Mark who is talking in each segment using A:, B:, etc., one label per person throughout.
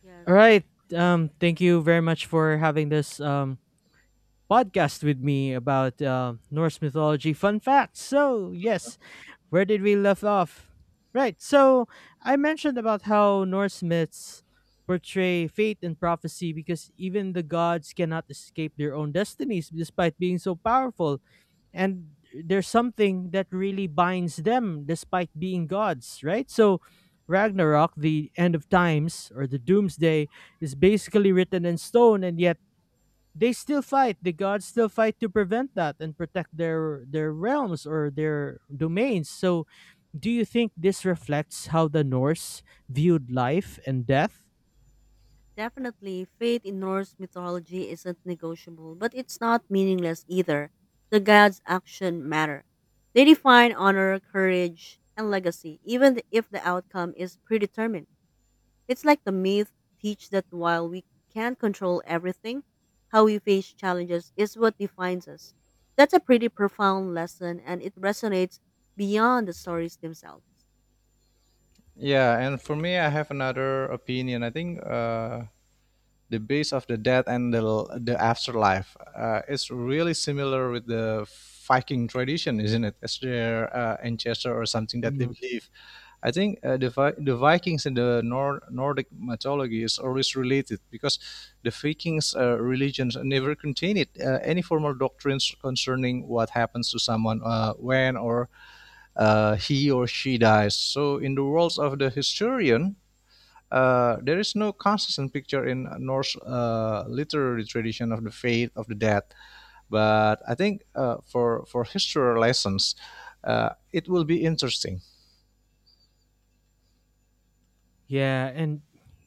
A: Yes,
B: All
A: there you
B: right.
A: go. Yeah,
B: Thank you very much for having this podcast with me about Norse mythology fun facts. So yes, where did we left off? Right. So I mentioned about how Norse myths portray fate and prophecy because even the gods cannot escape their own destinies despite being so powerful. And there's something that really binds them despite being gods, right? So Ragnarok, the end of times or the doomsday, is basically written in stone and yet they still fight. The gods still fight to prevent that and protect their realms or their domains. So do you think this reflects how the Norse viewed life and death?
A: definitely. Faith in Norse mythology isn't negotiable, but it's not meaningless either. The gods' action matter. They define honor, courage, and legacy, if the outcome is predetermined. It's like the myth teach that while we can't control everything, how we face challenges is what defines us. That's a pretty profound lesson, and it resonates beyond the stories themselves.
C: Yeah, and for me, I have another opinion. I think the base of the death and the afterlife is really similar with the Viking tradition, isn't it? As their ancestor or something that they
B: Mhm.
C: believe. I think the Vikings and the Nordic mythology is always related because the Vikings' religions never contained any formal doctrines concerning what happens to someone when or he or she dies. So, in the worlds of the historian, there is no consistent picture in Norse literary tradition of the fate of the dead, but I think for history lessons, it will be interesting.
B: Yeah, and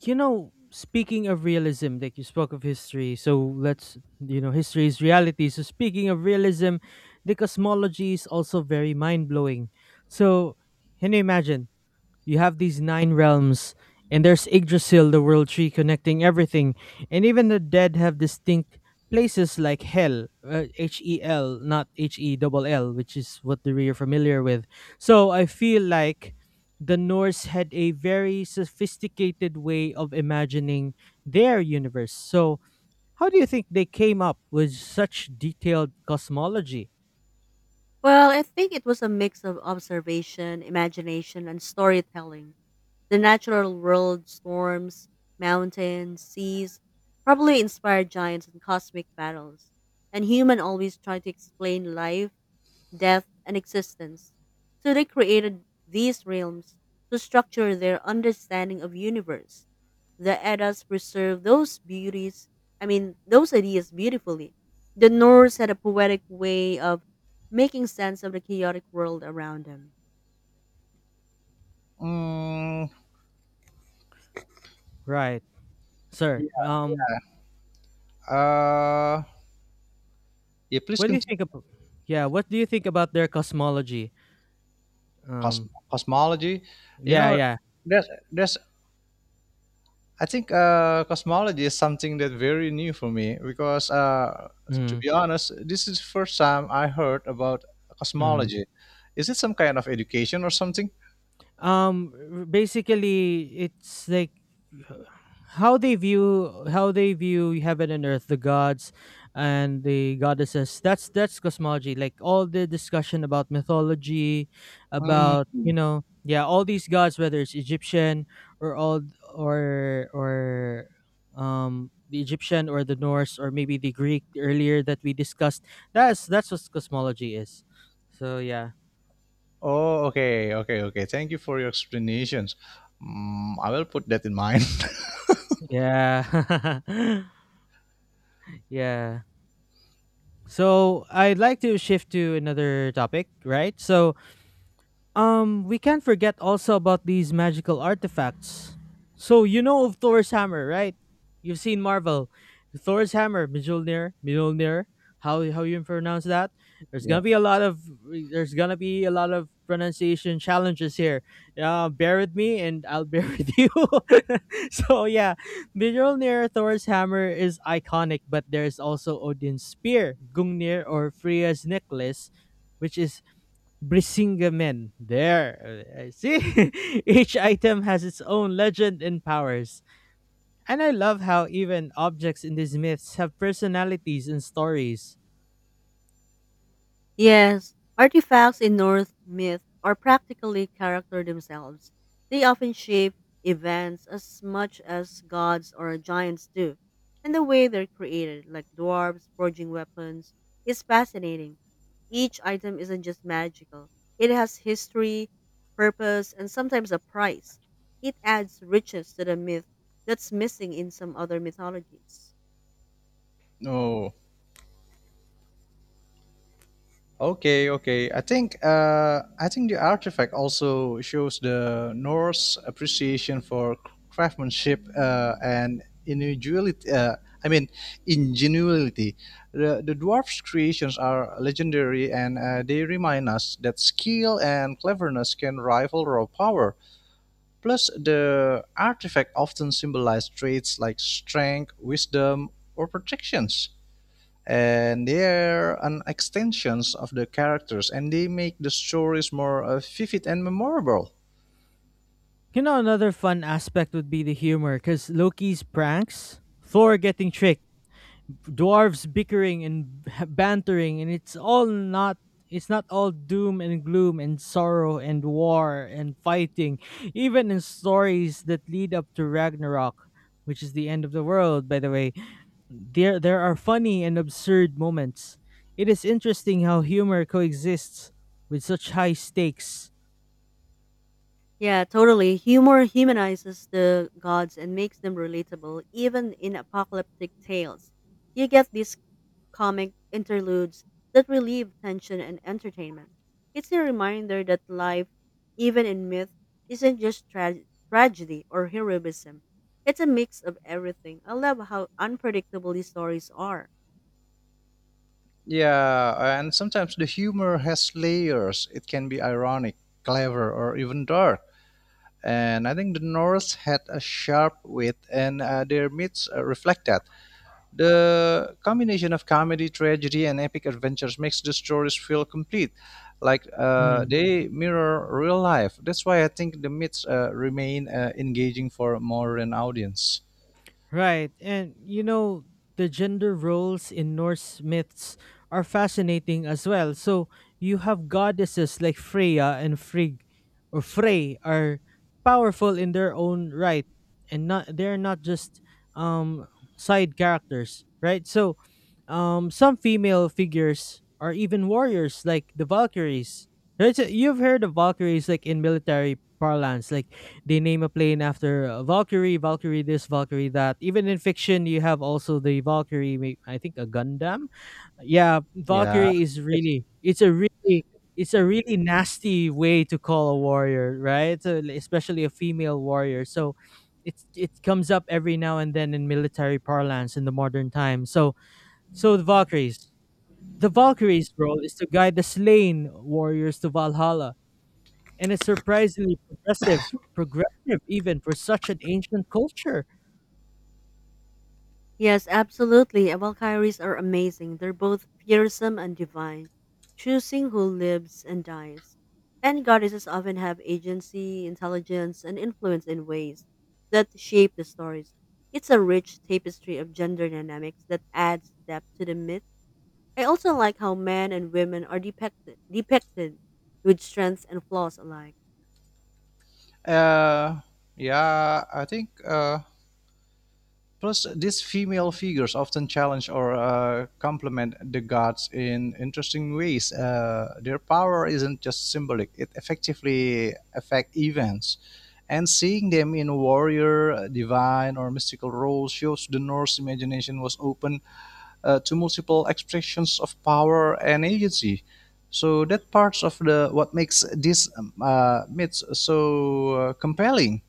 B: speaking of realism, like you spoke of history, so let's, history is reality. So speaking of realism, the cosmology is also very mind blowing. So can you imagine? You have these nine realms, and there's Yggdrasil, the world tree connecting everything, and even the dead have distinct places like Hell, Hel, not H E double L, which is what we are familiar with. So I feel like the Norse had a very sophisticated way of imagining their universe. So how do you think they came up with such detailed cosmology?
A: Well, I think it was a mix of observation, imagination, and storytelling. The natural world, storms, mountains, seas, probably inspired giants and cosmic battles. And human always try to explain life death, and existence. So they created these realms to structure their understanding of universe. The Eddas preserved those beauties, I mean, those ideas beautifully. The Norse had a poetic way of making sense of the chaotic world around them.
C: Mm,
B: Right, sir.
C: yeah, uh, yeah, please
B: What do you
C: continue.
B: think about? Yeah, what do you think about their cosmology? Um,
C: Cosmology. You
B: yeah,
C: know,
B: yeah.
C: there's I think cosmology is something that very new for me because, to
B: Mhm,
C: be honest, this is the first time I heard about
B: mhm.
C: cosmology. Is it some kind of education or something?
B: Um, Basically, it's like h- how they view heaven and earth, the gods and the goddesses. That's cosmology. Like all the discussion about mythology, about
C: Mm.
B: yeah, all these gods, whether it's Egyptian or all or the Egyptian or the Norse or maybe the Greek earlier that we discussed. That's what cosmology is. So yeah.
C: Oh, okay, okay, okay. Thank you for your explanations. Mm, I will put that in mind.
B: Yeah. yeah. So I'd like to shift to another topic, right? So we can't forget also about these magical artifacts. So you know of Thor's hammer, right? You've seen Marvel. Thor's hammer, Mjolnir, Mjolnir. How you pronounce that? There's
C: Yeah.
B: gonna be a lot of there's gonna be a lot of pronunciation challenges here. Bear with me, and I'll bear with you. so yeah, Mjolnir, Thor's hammer is iconic, but there's also Odin's spear, Gungnir, or Freya's necklace, which is Brisingamen. There. I See? Each item has its own legend and powers. And I love how even objects in these myths have personalities and stories.
A: Yes, artifacts in Norse myth are practically character themselves. They often shape events as much as gods or giants do, and the way they're created, like dwarves forging weapons, is fascinating. Each item isn't just magical, it has history, purpose, and sometimes a price. It adds riches to the myth that's missing in some other mythologies.
C: Oh. Okay. Okay. I think the artifact also shows the Norse appreciation for craftsmanship and individuality. I mean, ingenuity. The dwarf's creations are legendary, and they remind us that skill and cleverness can rival raw power. Plus, the artifact often symbolizes traits like strength, wisdom, or protections. And they're an extensions of the characters, and they make the stories more vivid and memorable.
B: You know, another fun aspect would be the humor, because Loki's pranks, Thor getting tricked, dwarves bickering and bantering, and it's all not. It's not all doom and gloom and sorrow and war and fighting, even in stories that lead up to Ragnarok, which is the end of the world, by the way. There are funny and absurd moments. It is interesting how humor coexists with such high stakes.
A: Yeah, totally. Humor humanizes the gods and makes them relatable, even in apocalyptic tales. You get these comic interludes that relieve tension and entertainment. It's a reminder that life, even in myth, isn't just tragedy or heroism. It's a mix of everything. I love how unpredictable these stories are.
C: Yeah, and sometimes the humor has layers. It can be ironic, clever, or even dark, and I think the Norse had a sharp wit and their myths reflect that. The combination of comedy, tragedy, and epic adventures makes the stories feel complete, like
B: Mm-hmm.
C: they mirror real life. That's why I think the myths remain engaging for a modern audience.
B: Right. And you know, the gender roles in Norse myths are fascinating as well. So you have goddesses like Freya and Frigg or Frey are powerful in their own right and not they're not just um side characters, right? So some female figures are even warriors like the Valkyries. Right? So you've heard of Valkyries like in military parlance, like they name a plane after Valkyrie, Valkyrie this, Valkyrie that. Even in fiction, you have also the Valkyrie. I think a Gundam. Yeah,
C: Yeah,
B: Valkyrie is
C: it's
B: really it's a really it's a really nasty way to call a warrior, right? So, especially a female warrior. So it comes up every now and then in military parlance in the modern time. So so the Valkyries. The Valkyrie's role is to guide the slain warriors to Valhalla and it's surprisingly progressive even for such an ancient culture.
A: Yes, absolutely. Valkyries are amazing. They're both fearsome and divine, choosing who lives and dies. And goddesses often have agency, intelligence, and influence in ways that shape the stories. It's a rich tapestry of gender dynamics that adds depth to the myth. I also like how men and women are depicted with strengths and flaws alike.
C: uh, yeah. I think Plus, these female figures often challenge or complement the gods in interesting ways. Their power isn't just symbolic; it effectively affects events. And seeing them in warrior, divine, or mystical roles shows the Norse imagination was open to multiple expressions of power and agency. So that parts of the what makes these myths so compelling.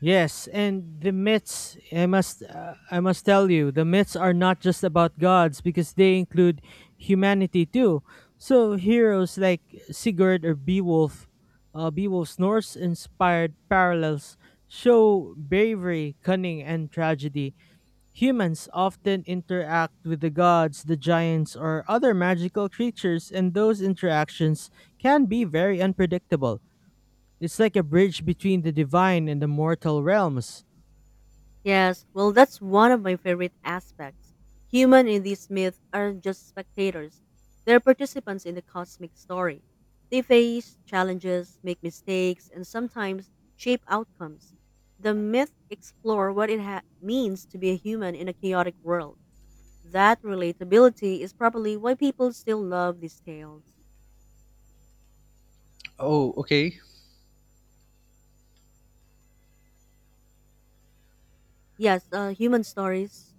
B: Yes, and the myths I must tell you, the myths are not just about gods because they include humanity too. So heroes like Sigurd or Beowulf, Beowulf's Norse-inspired parallels show bravery, cunning, and tragedy. Humans often interact with the gods, the giants, or other magical creatures, and those interactions can be very unpredictable. It's like a bridge between the divine and the mortal realms.
A: Yes, well, that's one of my favorite aspects. Human in these myths aren't just spectators, they're participants in the cosmic story. They face challenges, make mistakes, and sometimes shape outcomes. The myth explore what means to be a human in a chaotic world. That relatability is probably why people still love these tales.
C: Oh, okay.
A: Yes, human stories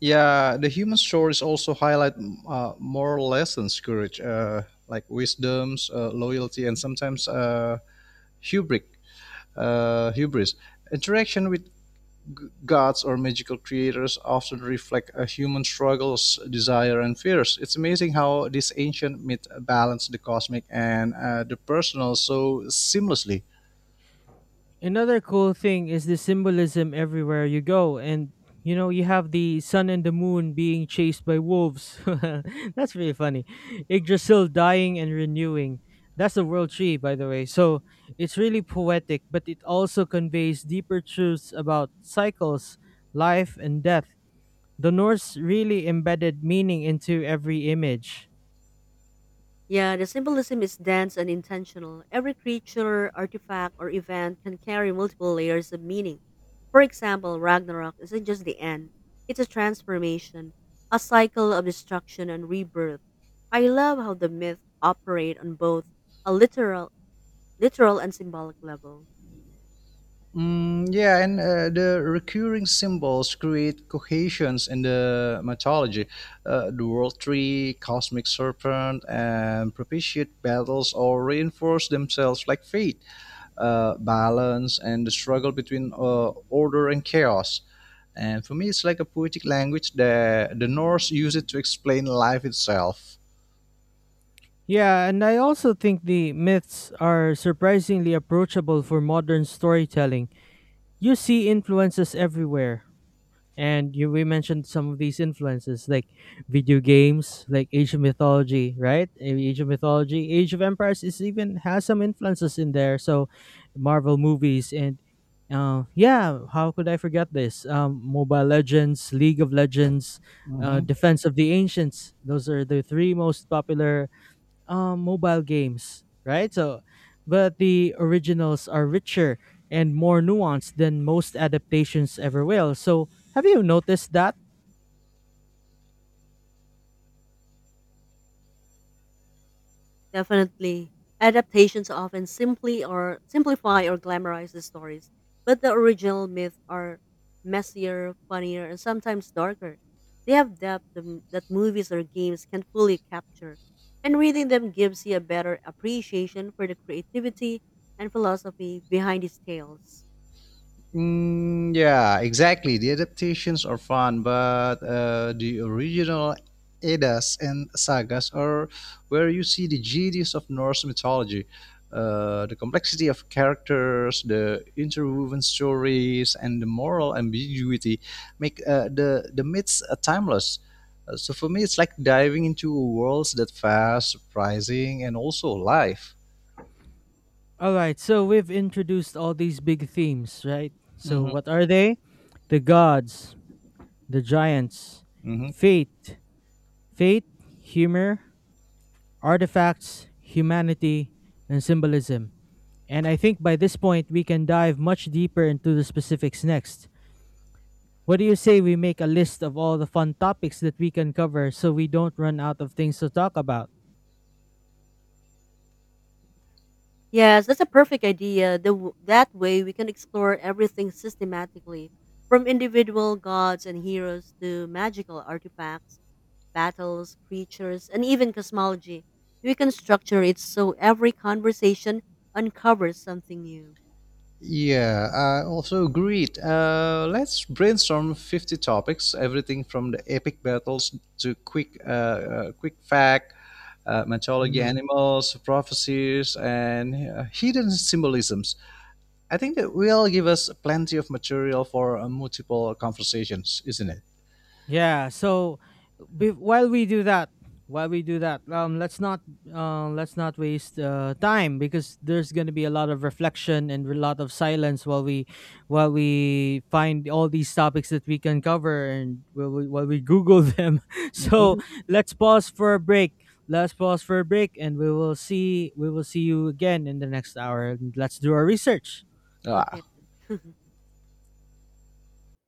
C: Yeah, the human stories also highlight moral lessons, courage, like wisdoms, loyalty, and sometimes hubris. Uh, hubris. Interaction with gods or magical creators often reflect a human struggles, desire, and fears. It's amazing how this ancient myth balanced the cosmic and the personal so seamlessly.
B: Another cool thing is the symbolism everywhere you go. And, you know, you have the sun and the moon being chased by wolves. That's really funny. Yggdrasil dying and renewing. That's the world tree, by the way. So it's really poetic, but it also conveys deeper truths about cycles, life, and death. The Norse really embedded meaning into every image.
A: Yeah, the symbolism is dense and intentional. Every creature, artifact, or event can carry multiple layers of meaning. For example, Ragnarok isn't just the end, it's a transformation, a cycle of destruction and rebirth. I love how the myths operate on both a literal and symbolic level.
C: Mm, yeah, and the recurring symbols create cohesions in the mythology. The world tree, cosmic serpent, and propitiate battles all reinforce themselves like fate, balance, and the struggle between order and chaos. And for me, it's like a poetic language that the Norse use it to explain life itself.
B: Yeah, and I also think the myths are surprisingly approachable for modern storytelling. You see influences everywhere, and you we mentioned some of these influences like video games, like Asian mythology, Age of Empires is even has some influences in there. So Marvel movies and yeah, how could I forget this? Mobile Legends, League of Legends,
C: Mm-hmm.
B: Defense of the Ancients, those are the three most popular mobile games, right? So, but the originals are richer and more nuanced than most adaptations ever will. So, have you noticed that?
A: Definitely. Adaptations often simply or simplify or glamorize the stories, but the original myths are messier, funnier, and sometimes darker. They have that movies or games can fully capture, and reading them gives you a better appreciation for the creativity and philosophy behind these tales.
C: Mm, yeah, exactly. The adaptations are fun, but the original Eddas and sagas are where you see the genius of Norse mythology. The complexity of characters, the interwoven stories, and the moral ambiguity make the myths timeless. So for me, it's like diving into worlds that fast, surprising, and also alive.
B: All right, so we've introduced all these big themes, right? So,
C: Hmm.
B: what are they? The gods, the giants, fate, fate, humor, artifacts, humanity, and symbolism. And I think by this point, we can dive much deeper into the specifics next. What do you say we make a list of all the fun topics that we can cover so we don't run out of things to talk about?
A: Yes, that's a perfect idea. That way we can explore everything systematically, from individual gods and heroes to magical artifacts battles, creatures, and even cosmology. We can structure it so every conversation uncovers something new.
C: Yeah, I also agreed. Let's brainstorm 50 topics, everything from the epic battles to quick, quick fact, mythology animals, prophecies, and hidden symbolisms. I think that will give us plenty of material for multiple conversations, isn't it?
B: Yeah. So be- while we do that, while we do that, let's not waste time because there's gonna be a lot of reflection and a lot of silence while we find all these topics that we can cover and while we Google them.
C: Mhm.
B: so
A: Mhm.
B: let's pause for a break. Let's pause for a break, and we will see you again in the next hour. And let's do our research.
C: Uh,
A: Okay.